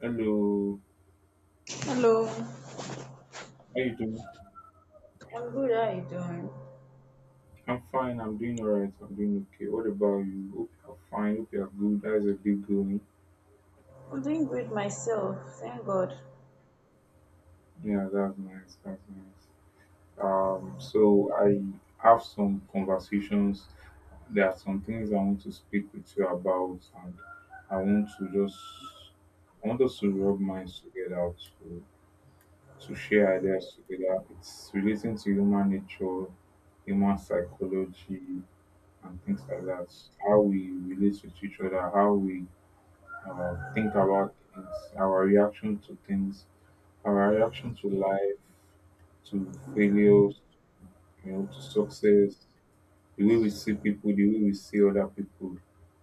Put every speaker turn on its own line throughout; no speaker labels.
Hello,
Hello, I'm
how you doing?
good. How are you doing?
I'm fine. I'm doing all right. I'm doing okay. What about you? Hope you're fine. Hope you're good. That's a big going?
I'm doing good myself, thank God.
Yeah, that's nice. That's nice. So I have some conversations. There are some things I want to speak with you about, and I want to just I want us to rub minds together to to share ideas together. It's relating to human nature, human psychology, and things like that. How we relate with each other, how we think about things, our reaction to things, our reaction to life, to failures, to success, the way we see people, the way we see other people.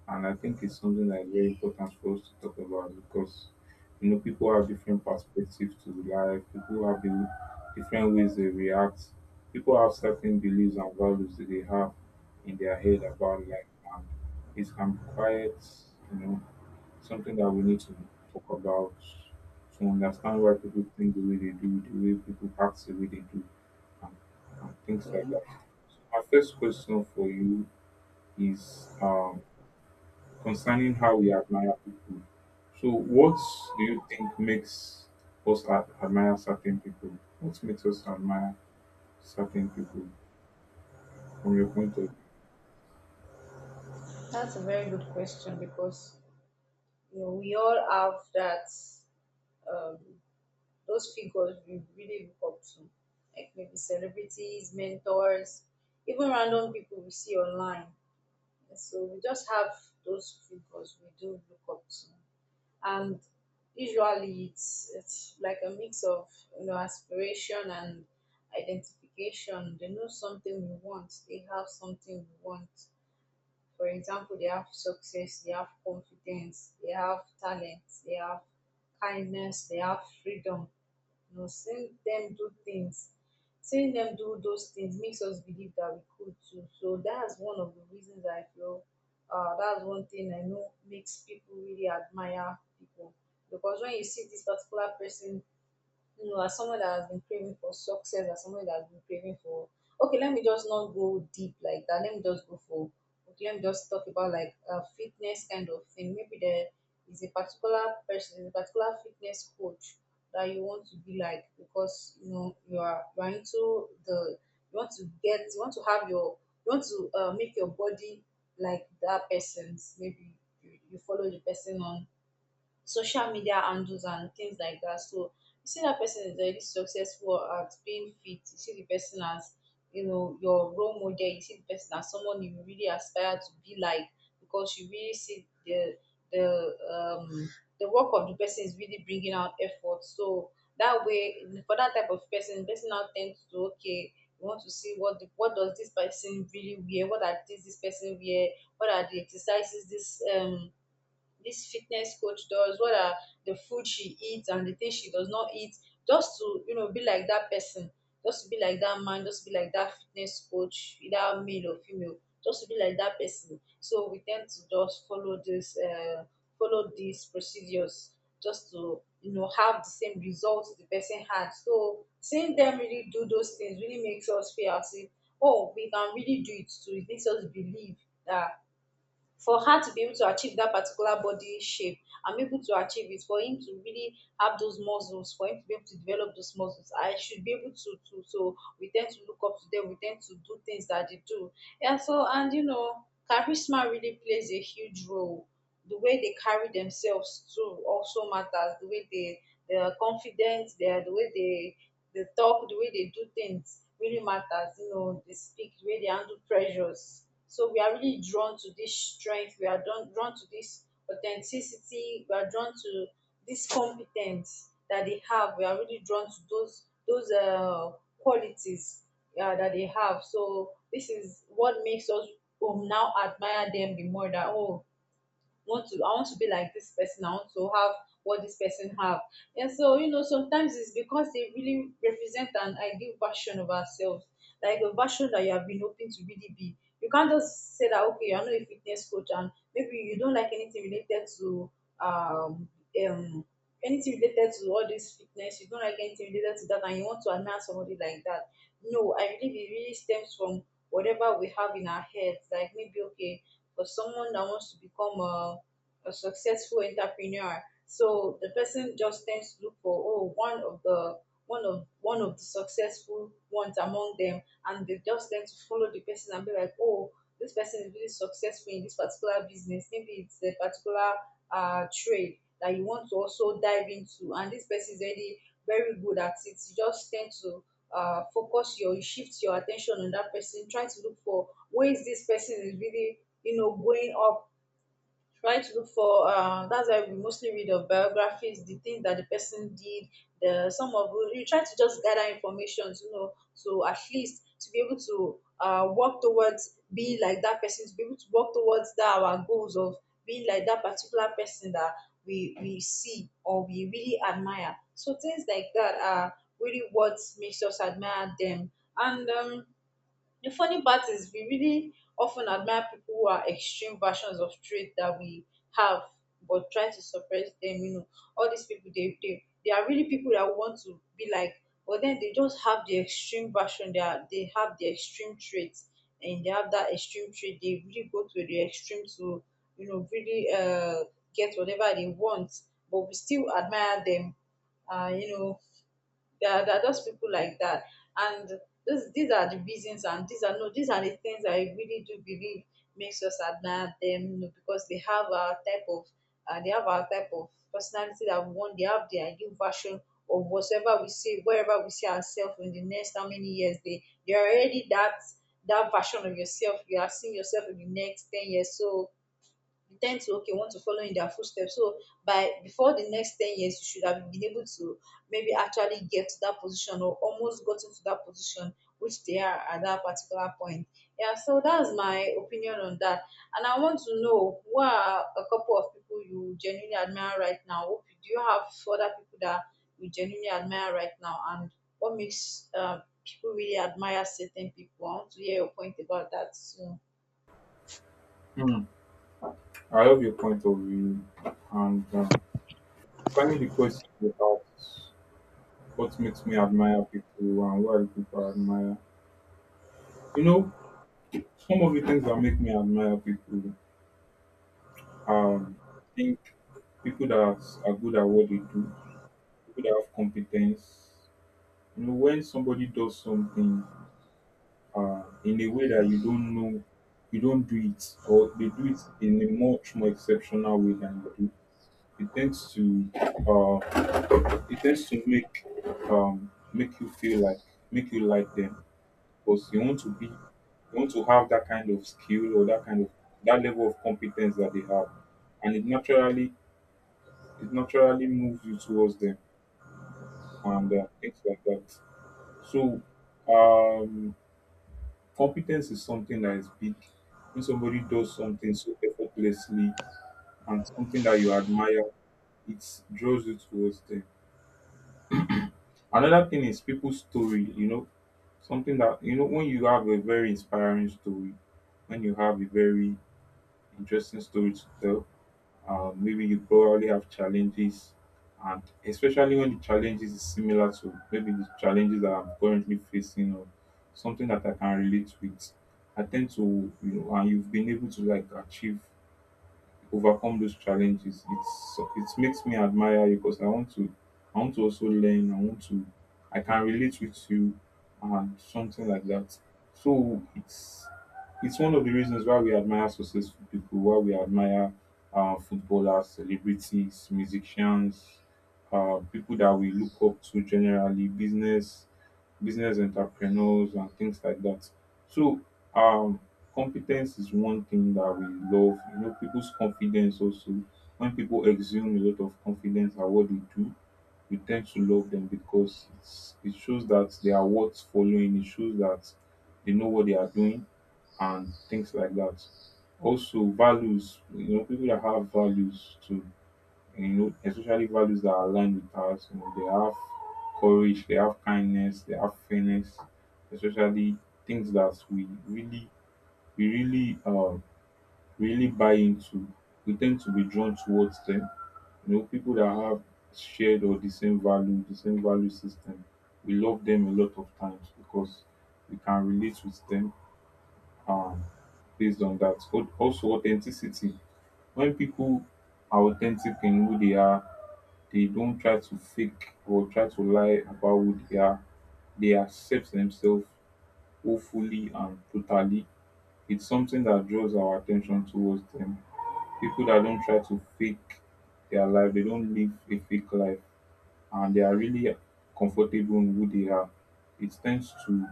And I think it's something that is very important for us to talk about because you know people have different perspectives to life, people have the different ways they react, people have certain beliefs and values that they have in their head about life and it can be quite, you know, something that we need to talk about to understand why people think the way they do, the way people act the way they do, and, and things like that.
Mhm.
So my first question for you is concerning how we admire people. So, what do you think makes us admire certain people? What makes us admire certain people from your point of view?
That's a very good question because you know we all have that um, those figures we really look up to, like maybe celebrities, mentors, even random people we see online. So we just have those figures we do look up to. And usually it's like a mix of you know aspiration and identification, they know something we want, they have something we want. For example, they have success, they have confidence, they have talent, they have kindness, they have freedom. You know, seeing them do things, seeing them do those things makes us believe that we could too. So that's one of the reasons I feel that's one thing I know makes people really admire people. Because when you see this particular person, you know, as someone that has been craving for success, as someone that has been craving for, okay, let me just not go deep like that. Let me just go for, okay, let me just talk about like a fitness kind of thing. Maybe there is a particular person, a particular fitness coach that you want to be like because you know you are into the, you want to get, you want to have your, you want to make your body like that person's. Maybe you follow the person on social media handles and things like that. So you see that person is already successful at being fit. You see the person as, you know, your role model. You see the person as someone you really aspire to be like because you really see the um the work of the person is really bringing out effort. So that way, for that type of person, person now tends to okay. We want to see what the, what does this person really wear? What are things this person wear? What are the exercises this fitness coach does, what are the food she eats and the things she does not eat, just to, you know, be like that person, just to be like that man, just to be like that fitness coach, either male or female, just to be like that person. So we tend to just follow follow these procedures just to, you know, have the same results the person had. So seeing them really do those things really makes us feel as if, oh, we can really do it too. It makes us believe that for her to be able to achieve that particular body shape, I'm able to achieve it, for him to really have those muscles, for him to be able to develop those muscles, I should be able to so we tend to look up to them, we tend to do things that they do. Yeah, so, and you know charisma really plays a huge role. The way they carry themselves too also matters. The way they are confident, they are, the way they talk, the way they do things really matters. You know, they speak, the way they handle pressures. So we are really drawn to this strength. We are drawn to this authenticity. We are drawn to this competence that they have. We are really drawn to those qualities that they have. So this is what makes us now admire them the more. That oh, want to, I want to be like this person. I want to have what this person have. And so you know sometimes it's because they really represent an ideal version of ourselves, like a version that you have been hoping to really be. You can't just say that okay, you're not a fitness coach and maybe you don't like um um anything related to all this fitness. You don't like anything related to that, and you want to admire somebody like that. No, I believe it really stems from whatever we have in our heads. Like maybe okay, for someone that wants to become a successful entrepreneur. So the person just tends to look for, oh, one of the successful ones among them and they just tend to follow the person and be like oh, this person is really successful in this particular business, maybe it's a particular trade that you want to also dive into and this person is already very good at it. You just tend to focus your, you shift your attention on that person, try to look for ways this person is really, you know, going up, try to look for that's why we mostly read of biographies, the things that the person did, the some of you try to just gather information, you know, so at least to be able to work towards being like that person, to be able to work towards that our goals of being like that particular person that we see or we really admire. So things like that are really what makes us admire them. And the funny part is we really often admire people who are extreme versions of traits that we have but try to suppress them, you know. All these people they are really people that want to be like, but then they just have the extreme version, they are, they have the extreme traits, and they have that extreme trait, they really go to the extreme to you know really get whatever they want, but we still admire them. You know, there are just people like that, and this, these are the reasons, and these are no, these are the things I really do believe makes us admire them, you know, because they have our type of they have our type of personality that we want, they have their ideal version of whatever we see, wherever we see ourselves in the next how many years, they they're already that, that version of yourself you are seeing yourself in the next 10 years. So intend to okay want to follow in their footsteps, so by before the next 10 years you should have been able to maybe actually get to that position or almost gotten to that position which they are at that particular point. Yeah, so that's my opinion on that, and I want to know who are a couple of people you genuinely admire right now. Who- do you have other people that you genuinely admire right now, and what makes people really admire certain people? I want to hear your point about that soon.
Hmm. I love your point of view, and concerning the question about what makes me admire people and why do people admire. You know, some of the things that make me admire people um think people that are good at what they do, people that have competence. You know, when somebody does something in a way that you don't know, you don't do it, or they do it in a much more exceptional way than you do, it tends to uh, it tends to make you feel like make you like them because you want to have that kind of skill or that level of competence that they have and it naturally moves you towards them and things like that. So um competence is something that is big. When somebody does something so effortlessly and something that you admire, it draws you towards them. Another thing is people's story, you know, something that, you know, when you have a very inspiring story, when you have a very interesting story to tell. Maybe you probably have challenges, and especially when the challenges is similar to maybe the challenges that I'm currently facing or something that I can relate with. I tend to, you know, and you've been able to like achieve, overcome those challenges, it's it makes me admire you because I want to also learn, I want to I can relate with you and something like that. So it's one of the reasons why we admire successful people, why we admire footballers, celebrities, musicians, people that we look up to, generally business, business entrepreneurs and things like that. So um competence is one thing that we love. You know, people's confidence also. When people exude a lot of confidence at what they do, we tend to love them because it shows that they are worth following. It shows that they know what they are doing and things like that. Also, values. You know, people that have values too. You know, especially values that align with us. You know, they have courage. They have kindness. They have fairness. Especially things that really we really really buy into, we tend to be drawn towards them. You know, people that have shared or the same value system, we love them a lot of times because we can relate with them, um, based on that. But also authenticity. When people are authentic in who they are, they don't try to fake or try to lie about who they are. They accept themselves wholly and totally. It's something that draws our attention towards them, people that don't try to fake their life, they don't live a fake life, and they are really comfortable in who they are. It tends to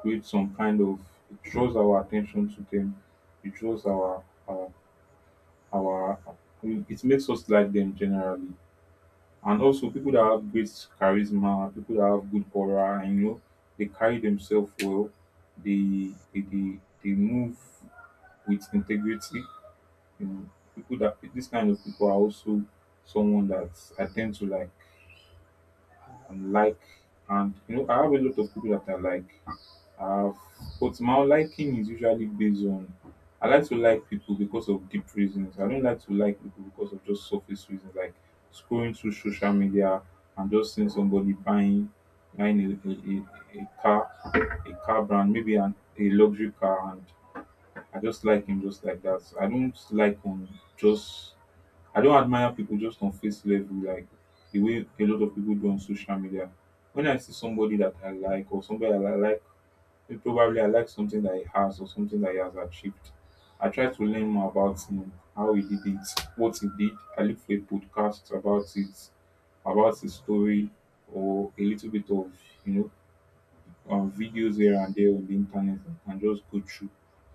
create some kind of, it draws our attention to them. It draws our it makes us like them generally. And also people that have great charisma, people that have good aura, and you know, they carry themselves well, they move with integrity. You know, people that, this kind of people are also someone that I tend to like and like, and you know I have a lot of people that I like. I But my liking is usually based on, I like to like people because of deep reasons. I don't like to like people because of just surface reasons like scrolling through social media and just seeing somebody buying a car brand, maybe a luxury car, and I just like him just like that. So, just I don't admire people just on face level like the way a lot of people do on social media. When I see somebody that I like or somebody that I like, eh, probably I like something that he has or something that he has achieved. I try to learn more about him, how he did it, what he did. I look for a podcast about it, about his story, or a little bit of, you know, videos here and there on the internet, and just go through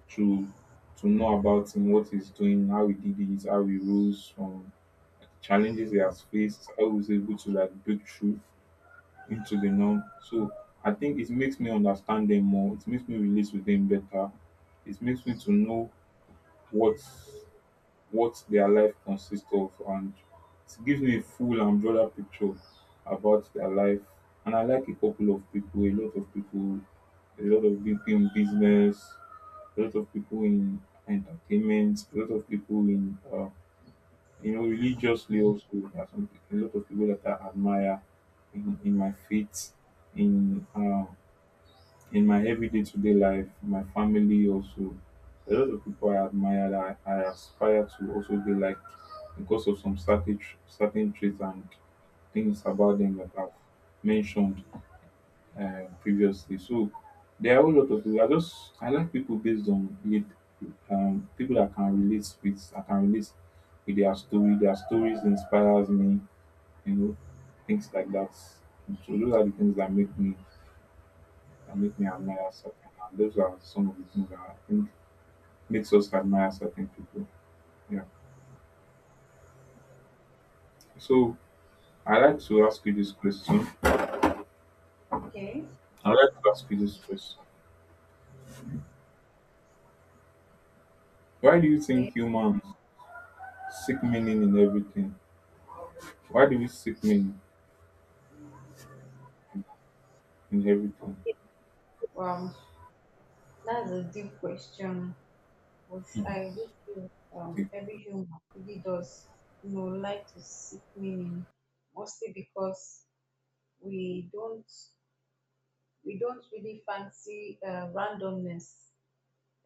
to to know about him, what he's doing, how he did it, how he rose from challenges he has faced, how he's able to like break through into the norm. So I think it makes me understand them more. It makes me relate with them better. It makes me to know what what their life consists of, and it gives me a full and broader picture about their life. And I like a couple of people, a lot of people, a lot of people in business, a lot of people in entertainment, a lot of people in you know religiously also. There are some, a lot of people that I admire in my faith, in uh, in my every day to day life, my family also. A lot of people I admire that I aspire to also be like because of some certain, certain traits and things about them that I've mentioned previously. So there are a whole lot of people. I like people based on it, people that can relate with. I can relate with their story. Their stories inspires me. You know, things like that. So those are the things that make me and make me admire certain. And those are some of the things that I think makes us admire certain people. Yeah. So I like to ask you this question.
Okay.
I like to ask you this question. Why do you think
Okay,
humans seek meaning in everything? Why do we seek meaning in everything?
okay. um That's a deep question, but I do feel
Okay.
every human really does, you know, like to seek meaning, mostly because we don't we don't really fancy randomness.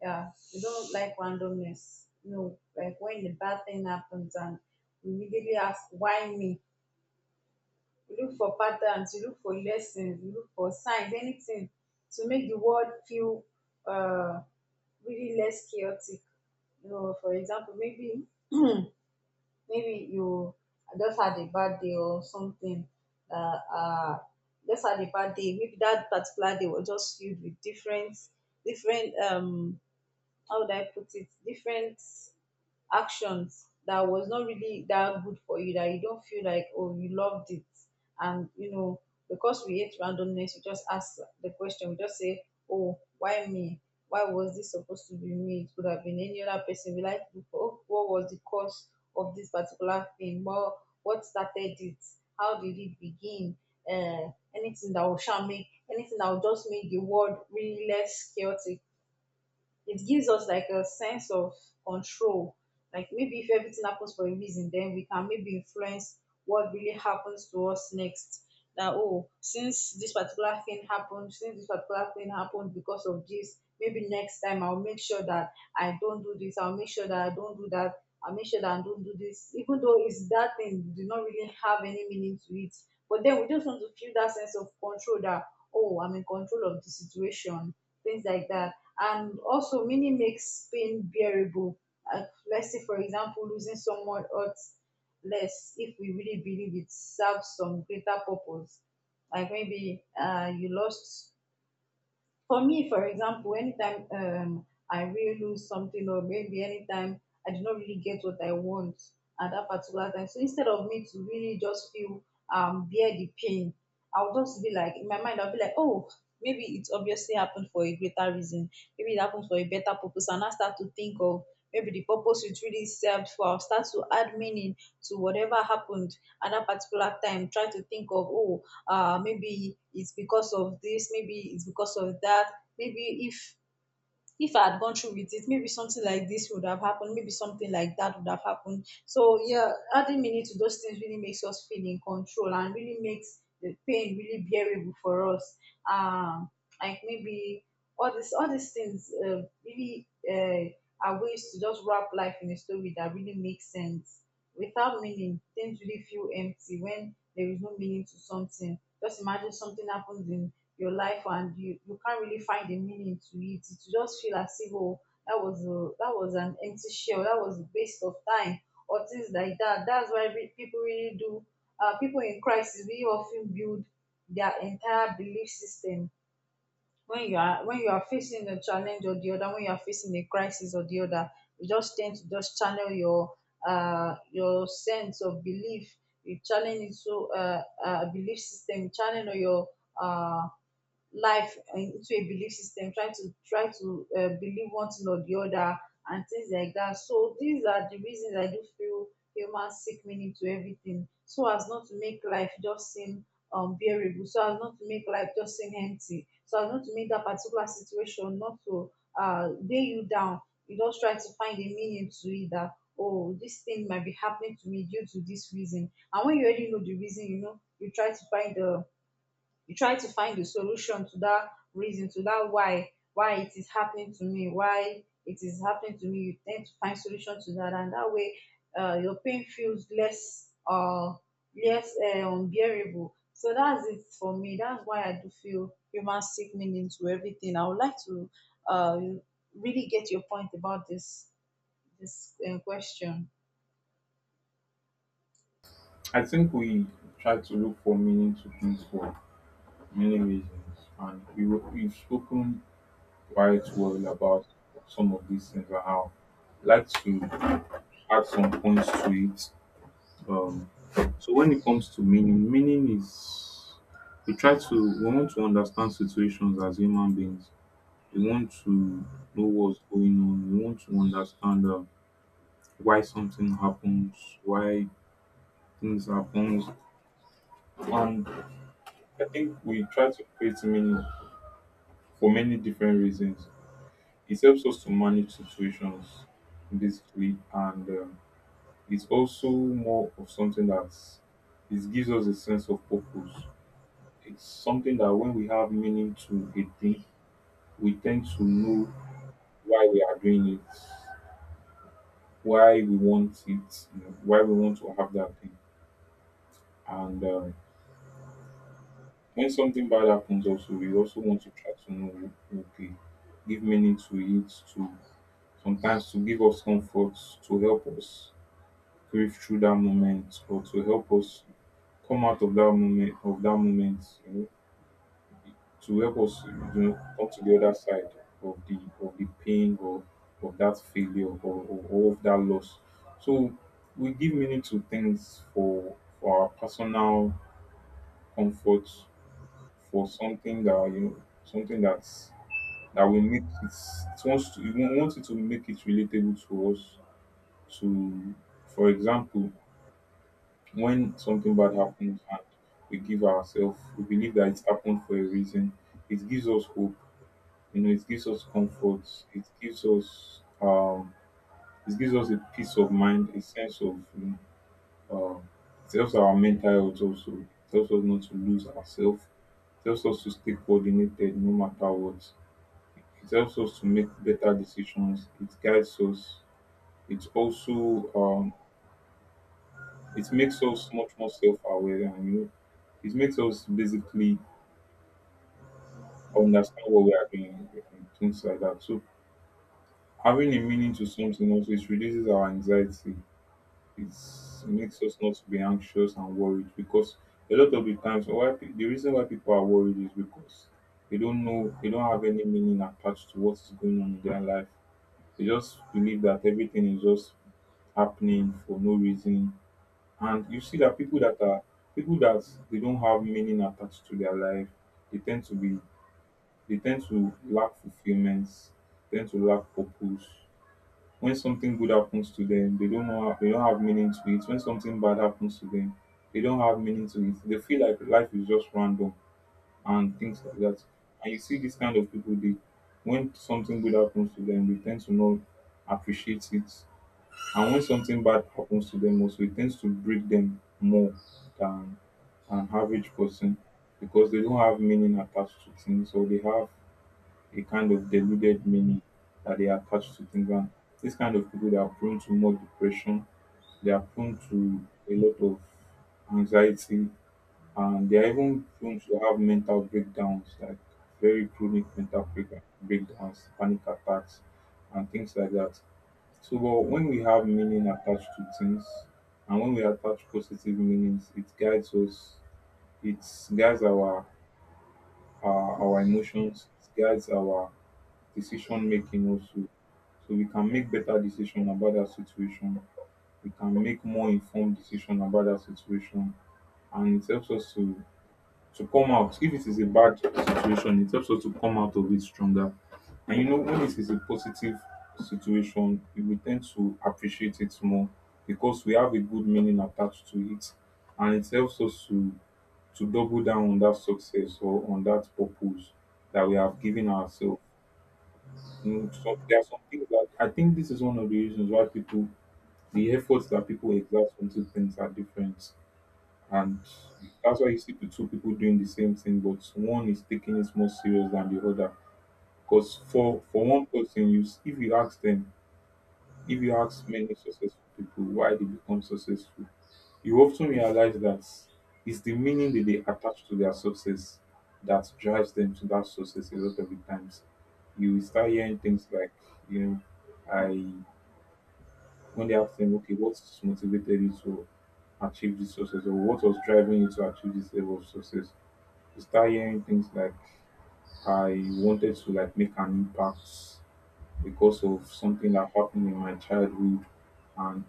Yeah, we don't like randomness. You know, like when the bad thing happens and we immediately ask why me. You look for patterns, you look for lessons, you look for signs, anything to make the world feel uh, really less chaotic. You know, for example, maybe you just had a bad day or something, uh, uh just had a bad day, maybe that particular day was just filled with different different how would I put it, different actions that was not really that good for you, that you don't feel like, oh, you loved it. And, you know, because we hate randomness, we just ask the question, we just say, oh, why me? Why was this supposed to be me? It could have been any other person. We like, to- look, oh, what was the cause of this particular thing? Well, what started it? How did it begin? Anything that will shall make, anything that will just make the world really less chaotic, it gives us like a sense of control. Like maybe if everything happens for a reason, then we can maybe influence what really happens to us next. That oh, since this particular thing happened, since this particular thing happened because of this, maybe next time I'll make sure that I don't do this. I'll make sure that I don't do that. I'll make sure that I don't do this. Even though it's that thing, we do not really have any meaning to it. But then we just want to feel that sense of control that oh, I'm in control of the situation, things like that, and also meaning makes pain bearable. Uh, let's say, for example, losing someone hurts less if we really believe it serves some greater purpose. Like maybe you lost for me, for example, anytime I really lose something, or maybe anytime I did not really get what I want at that particular time, so instead of me to really just feel bear the pain, I'll just be like in my mind, I'll be like, oh, maybe it obviously happened for a greater reason, maybe it happened for a better purpose, and I start to think of maybe the purpose it really served for. I'll start to add meaning to whatever happened at that particular time. Try to think of, oh, maybe it's because of this, maybe it's because of that. Maybe if I had gone through with it, maybe something like this would have happened, maybe something like that would have happened. So yeah, adding meaning to those things really makes us feel in control and really makes the pain really bearable for us. Um, like maybe all these things really are ways to just wrap life in a story that really makes sense. Without meaning, things really feel empty when there is no meaning to something. Just imagine something happens in your life and you can't really find a meaning to it. Just feel as if oh that was an empty shell, that was a waste of time, or things like that. That's why people really do, people in crisis really often build their entire belief system. When you are facing a challenge or the other, when you are facing a crisis or the other, you just tend to just channel your sense of belief. You challenge into belief system. You channel your uh life into a belief system, trying to try to believe one thing or the other and things like that. So these are the reasons I do feel humans seek meaning to everything, so as not to make life just seem bearable, so as not to make life just seem empty, so as not to make that particular situation not to weigh you down. You just try to find a meaning to it, that oh, this thing might be happening to me due to this reason. And when you already know the reason, you know, you try to find the solution to that reason, to that why it is happening to me, why it is happening to me. You tend to find solution to that, and that way your pain feels less unbearable. So that's it for me. That's why I do feel human seek meaning to everything. I would like to uh really get your point about this question.
I think we try to look for meaning to things for many reasons, and we we've spoken quite well about some of these things and how. I'd like to add some points to it. Um, so when it comes to meaning, meaning is, we try to, we want to understand situations as human beings. We want to know what's going on. We want to understand why something happens, why things happen, and I think we try to create meaning for many different reasons. It helps us to manage situations basically, and it's also more of something that it gives us a sense of purpose. It's something that when we have meaning to a thing, we tend to know why we are doing it, why we want it, you know, why we want to have that thing. And when something bad happens, also we also want to try to know okay, give meaning to it, to sometimes to give us comfort, to help us grieve through that moment, or to help us come out of that moment, to help us, you know, come to the other side of the pain or of that failure, or of that loss. So we give meaning to things for our personal comfort, for something that, you know, something that's that will make it, it wants to, we want it to make it relatable to us. To, for example, when something bad happens and we give ourselves, we believe that it happened for a reason, it gives us hope. You know, it gives us comfort. It gives us um, it gives us a peace of mind, a sense of you know, um, it helps our mental health also. It helps us not to lose ourselves. It helps us to stay coordinated no matter what. It helps us to make better decisions. It guides us. It also it makes us much more self-aware, and it makes us basically understand what we are doing and things like that. So having a meaning to something also, it reduces our anxiety. It makes us not to be anxious and worried, because a lot of the times the reason why people are worried is because they don't know, they don't have any meaning attached to what is going on in their life. They just believe that everything is just happening for no reason. And you see that people that they don't have meaning attached to their life, they tend to be they tend to lack fulfillments, tend to lack purpose. When something good happens to them, they don't know, they don't have meaning to it. When something bad happens to them, they don't have meaning to it. They feel like life is just random and things like that. And you see this kind of people, they, when something good happens to them, they tend to not appreciate it. And when something bad happens to them also, it tends to break them more than an average person, because they don't have meaning attached to things, or they have a kind of deluded meaning that they attach to things. And these kind of people, they are prone to more depression. They are prone to a lot of anxiety, and they are even prone to have mental breakdowns, like very chronic breakdowns, panic attacks, and things like that. So, but when we have meaning attached to things, and when we attach positive meanings, it guides us. It guides our our emotions. It guides our decision making also. So we can make better decision about that situation. We can make more informed decision about that situation, and it helps us to come out. If it is a bad situation, it helps us to come out of it stronger. And you know, when it is a positive situation, we will tend to appreciate it more, because we have a good meaning attached to it, and it helps us to double down on that success or on that purpose that we have given ourselves. Mm, so there are some things that I think this is one of the reasons why people, the efforts that people exert on two things are different, and that's why you see the two people doing the same thing, but one is taking it more serious than the other. Because for one person, if you ask them, if you ask many successful people why they become successful, you often realize that it's the meaning that they attach to their success that drives them to that success a lot of the times. You will start hearing things like, you know, I, when they ask them, okay, what motivated you to achieve this success, or what was driving you to achieve this level of success? You start hearing things like, I wanted to like make an impact because of something that happened in my childhood, and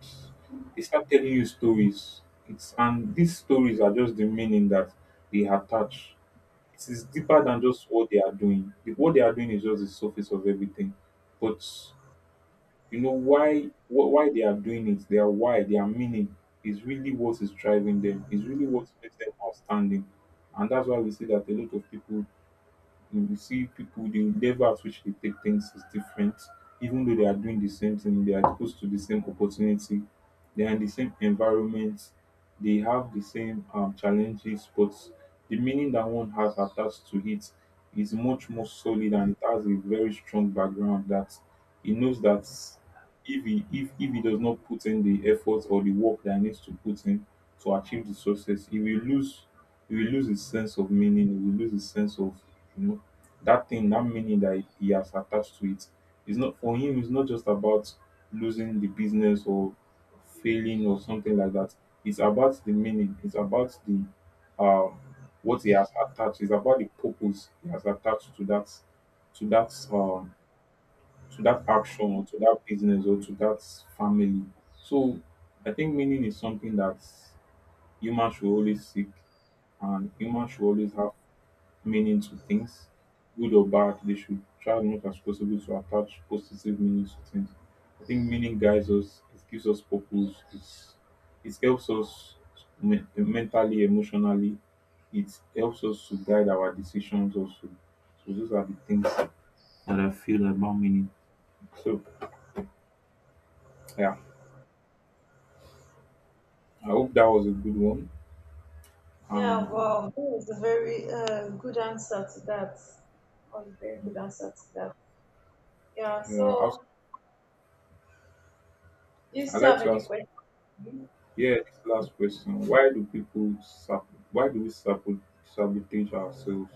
they start telling you stories. It's and these stories are just the meaning that they attach. It is deeper than just what they are doing. What they are doing is just the surface of everything. But you know why they are doing it, their why, their meaning is really what is driving them, is really what makes them outstanding. And that's why we see that a lot of people, you will see people, the level at which they take things is different, even though they are doing the same thing, they are exposed to the same opportunity, they are in the same environment, they have the same challenges. But the meaning that one has attached to it is much more solid, and it has a very strong background, that he knows that if he does not put in the effort or the work that he needs to put in to achieve the success, he will lose, he will lose his sense of meaning, he will lose his sense of, you know, that thing, that meaning that he has attached to it, is not for him. It's not just about losing the business or failing or something like that. It's about the meaning. It's about the um, what he has attached. It's about the purpose he has attached to that, to that to that action or to that business or to that family. So I think meaning is something that humans should always seek, and humans should always have meaning to things, good or bad. They should try as much as possible to attach positive meaning to things. I think meaning guides us, it gives us purpose, it's, it helps us mentally, emotionally, it helps us to guide our decisions also. So those are the things that I feel about meaning. So yeah, I hope that was a good one.
Yeah,
Um,
wow, that was a very good answer to that. Was a very good answer to that. Yeah,
yeah,
so do you
I'd
still
like
have
to
any
ask,
questions?
yeah, this last question: why do why do we sabotage ourselves?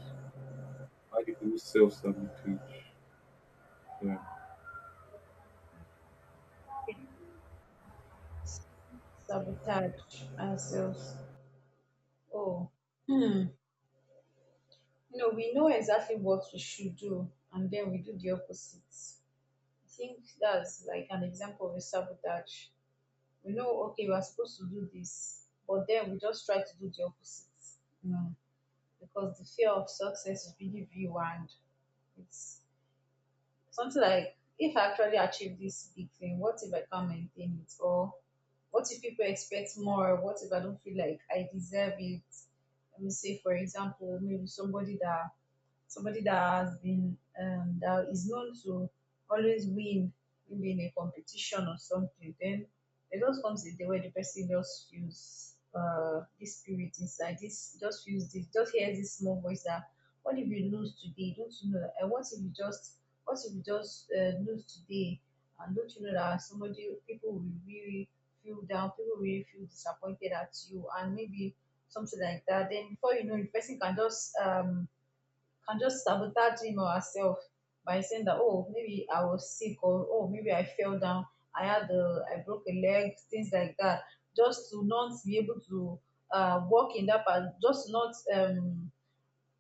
How do you self sabotage? Yeah,
Sabotage ourselves. Oh, you know, we know exactly what we should do, and then we do the opposite. I think that's like an example of a sabotage. We know, okay, we're supposed to do this, but then we just try to do the opposite, you know, because the fear of success is really you, and it's something like, if I actually achieve this big thing, what if I can't maintain it? Or what if people expect more? What if I don't feel like I deserve it? Let me say, for example, maybe somebody that has been that is known to always win, maybe in a competition or something. Then there just comes a day where the person just feels this spirit inside, this just feels, this just hears this small voice that what if you lose today, don't you know, and what if you just lose today? And don't you know that somebody, people will really feel down, people will really feel disappointed at you, and maybe something like that. Then before you know, the person can just sabotage him or herself by saying that oh, maybe I was sick, or oh, maybe I fell down, I had a I broke a leg, things like that. Just to not be able to walk in that part, just to not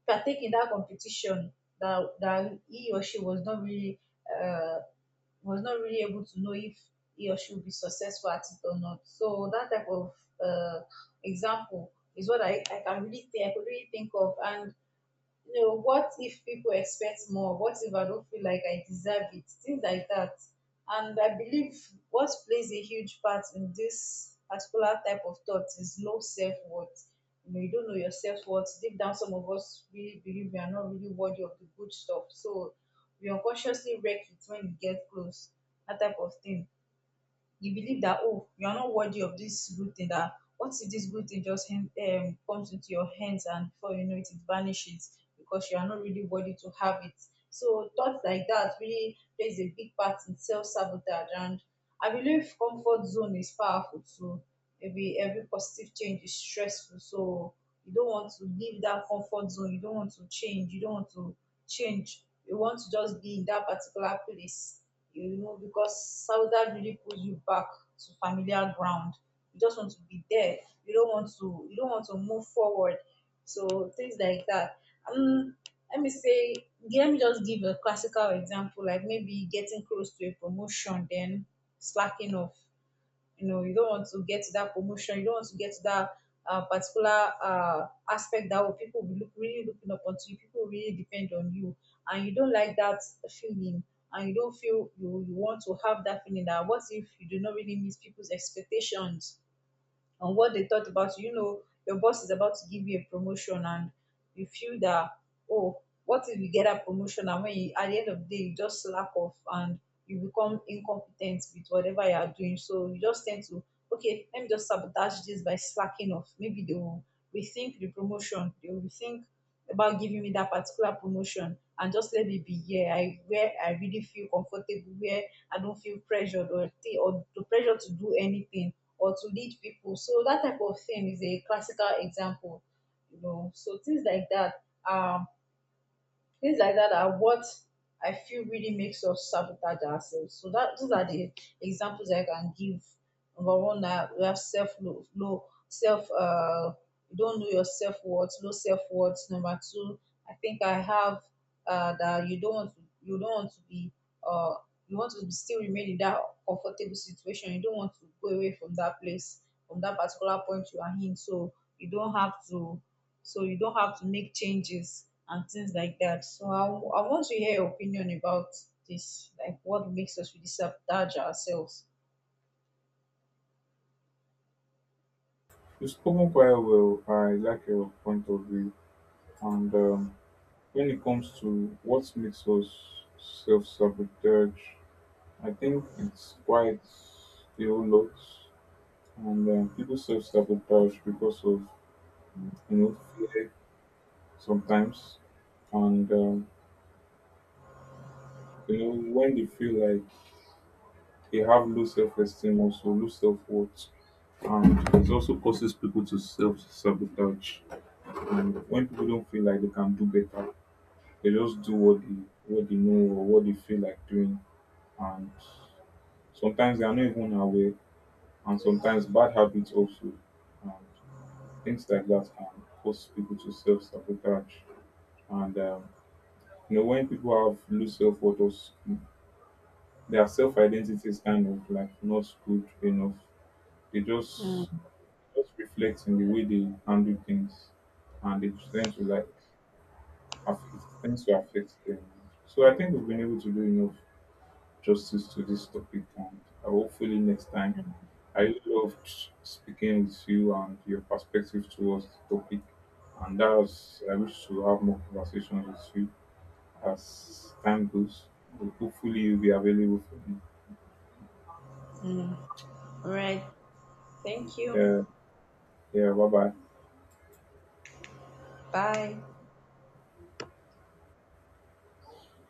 partake in that competition that he or she uh, was not really able to know if he or she would be successful at it or not. So that type of uh, example is what I can really think, I could really think of. And you know, what if people expect more? What if I don't feel like I deserve it? Things like that. And I believe what plays a huge part in this particular type of thought is low self worth. You know, you don't know your self worth. Deep down, some of us really believe we are not really worthy of the good stuff. So we unconsciously wreck it when we get close, that type of thing. You believe that oh, you are not worthy of this good thing, that what if this good thing just comes into your hands, and before you know it, it vanishes because you are not really worthy to have it. So thoughts like that really plays a big part in self-sabotage. And I believe comfort zone is powerful too. Maybe every positive change is stressful, so you don't want to leave that comfort zone, you don't want to change, you don't want to change you want to just be in that particular place, you know, because Sauda really pulls you back to familiar ground. You just want to be there. You don't want to move forward. So things like that. Um, let me say, let me just give a classical example, like maybe getting close to a promotion, then slacking off. You know, you don't want to get to that promotion, you don't want to get to that particular aspect that oh, people will look really looking up onto you, people really depend on you, and you don't like that feeling. And you don't feel you want to have that feeling, that what if you do not really meet people's expectations and what they thought about you. You know, your boss is about to give you a promotion, and you feel that, oh, what if you get a promotion, and when you, at the end of the day, you just slack off and you become incompetent with whatever you are doing. So you just tend to, okay, let me just sabotage this by slacking off. Maybe they will rethink the promotion. They will rethink about giving me that particular promotion, and just let me be here, I where I really feel comfortable, where I don't feel pressured, or the pressure to do anything or to lead people. So that type of thing is a classical example, you know. So things like that are what I feel really makes us sabotage ourselves. So that those are the examples I can give. Number one, we have low self. You don't know your self worth, low self worth. Number two, I think I have that you don't want to be uh, you want to still remain in that comfortable situation. You don't want to go away from that place, from that particular point you are in. So you don't have to so you don't have to make changes and things like that. So I want to hear your opinion about this, like what makes us really sabotage ourselves.
you've spoken quite well. I like your point of view. And when it comes to what makes us self-sabotage, I think it's quite a whole lot. And people self-sabotage because of, you know, fear sometimes, and you know, when they feel like they have low self-esteem, also low self-worth, and it also causes people to self-sabotage. And when people don't feel like they can do better, they just do what they, what they know or what they feel like doing. And sometimes they are not even aware. And sometimes bad habits also and things like that can cause people to self sabotage. And you know, when people have low self worth, or their self identity is kind of like not good enough, they
Mm,
just reflect in the way they handle things, and they tend to like affect things to affect them. So I think we've been able to do enough justice to this topic, and hopefully next time. I really loved speaking with you and your perspective towards the topic, and that's, I wish to have more conversations with you as time goes. Hopefully, you'll be available for me.
mm. All right. Thank you.
Yeah, yeah. Bye bye.
Bye.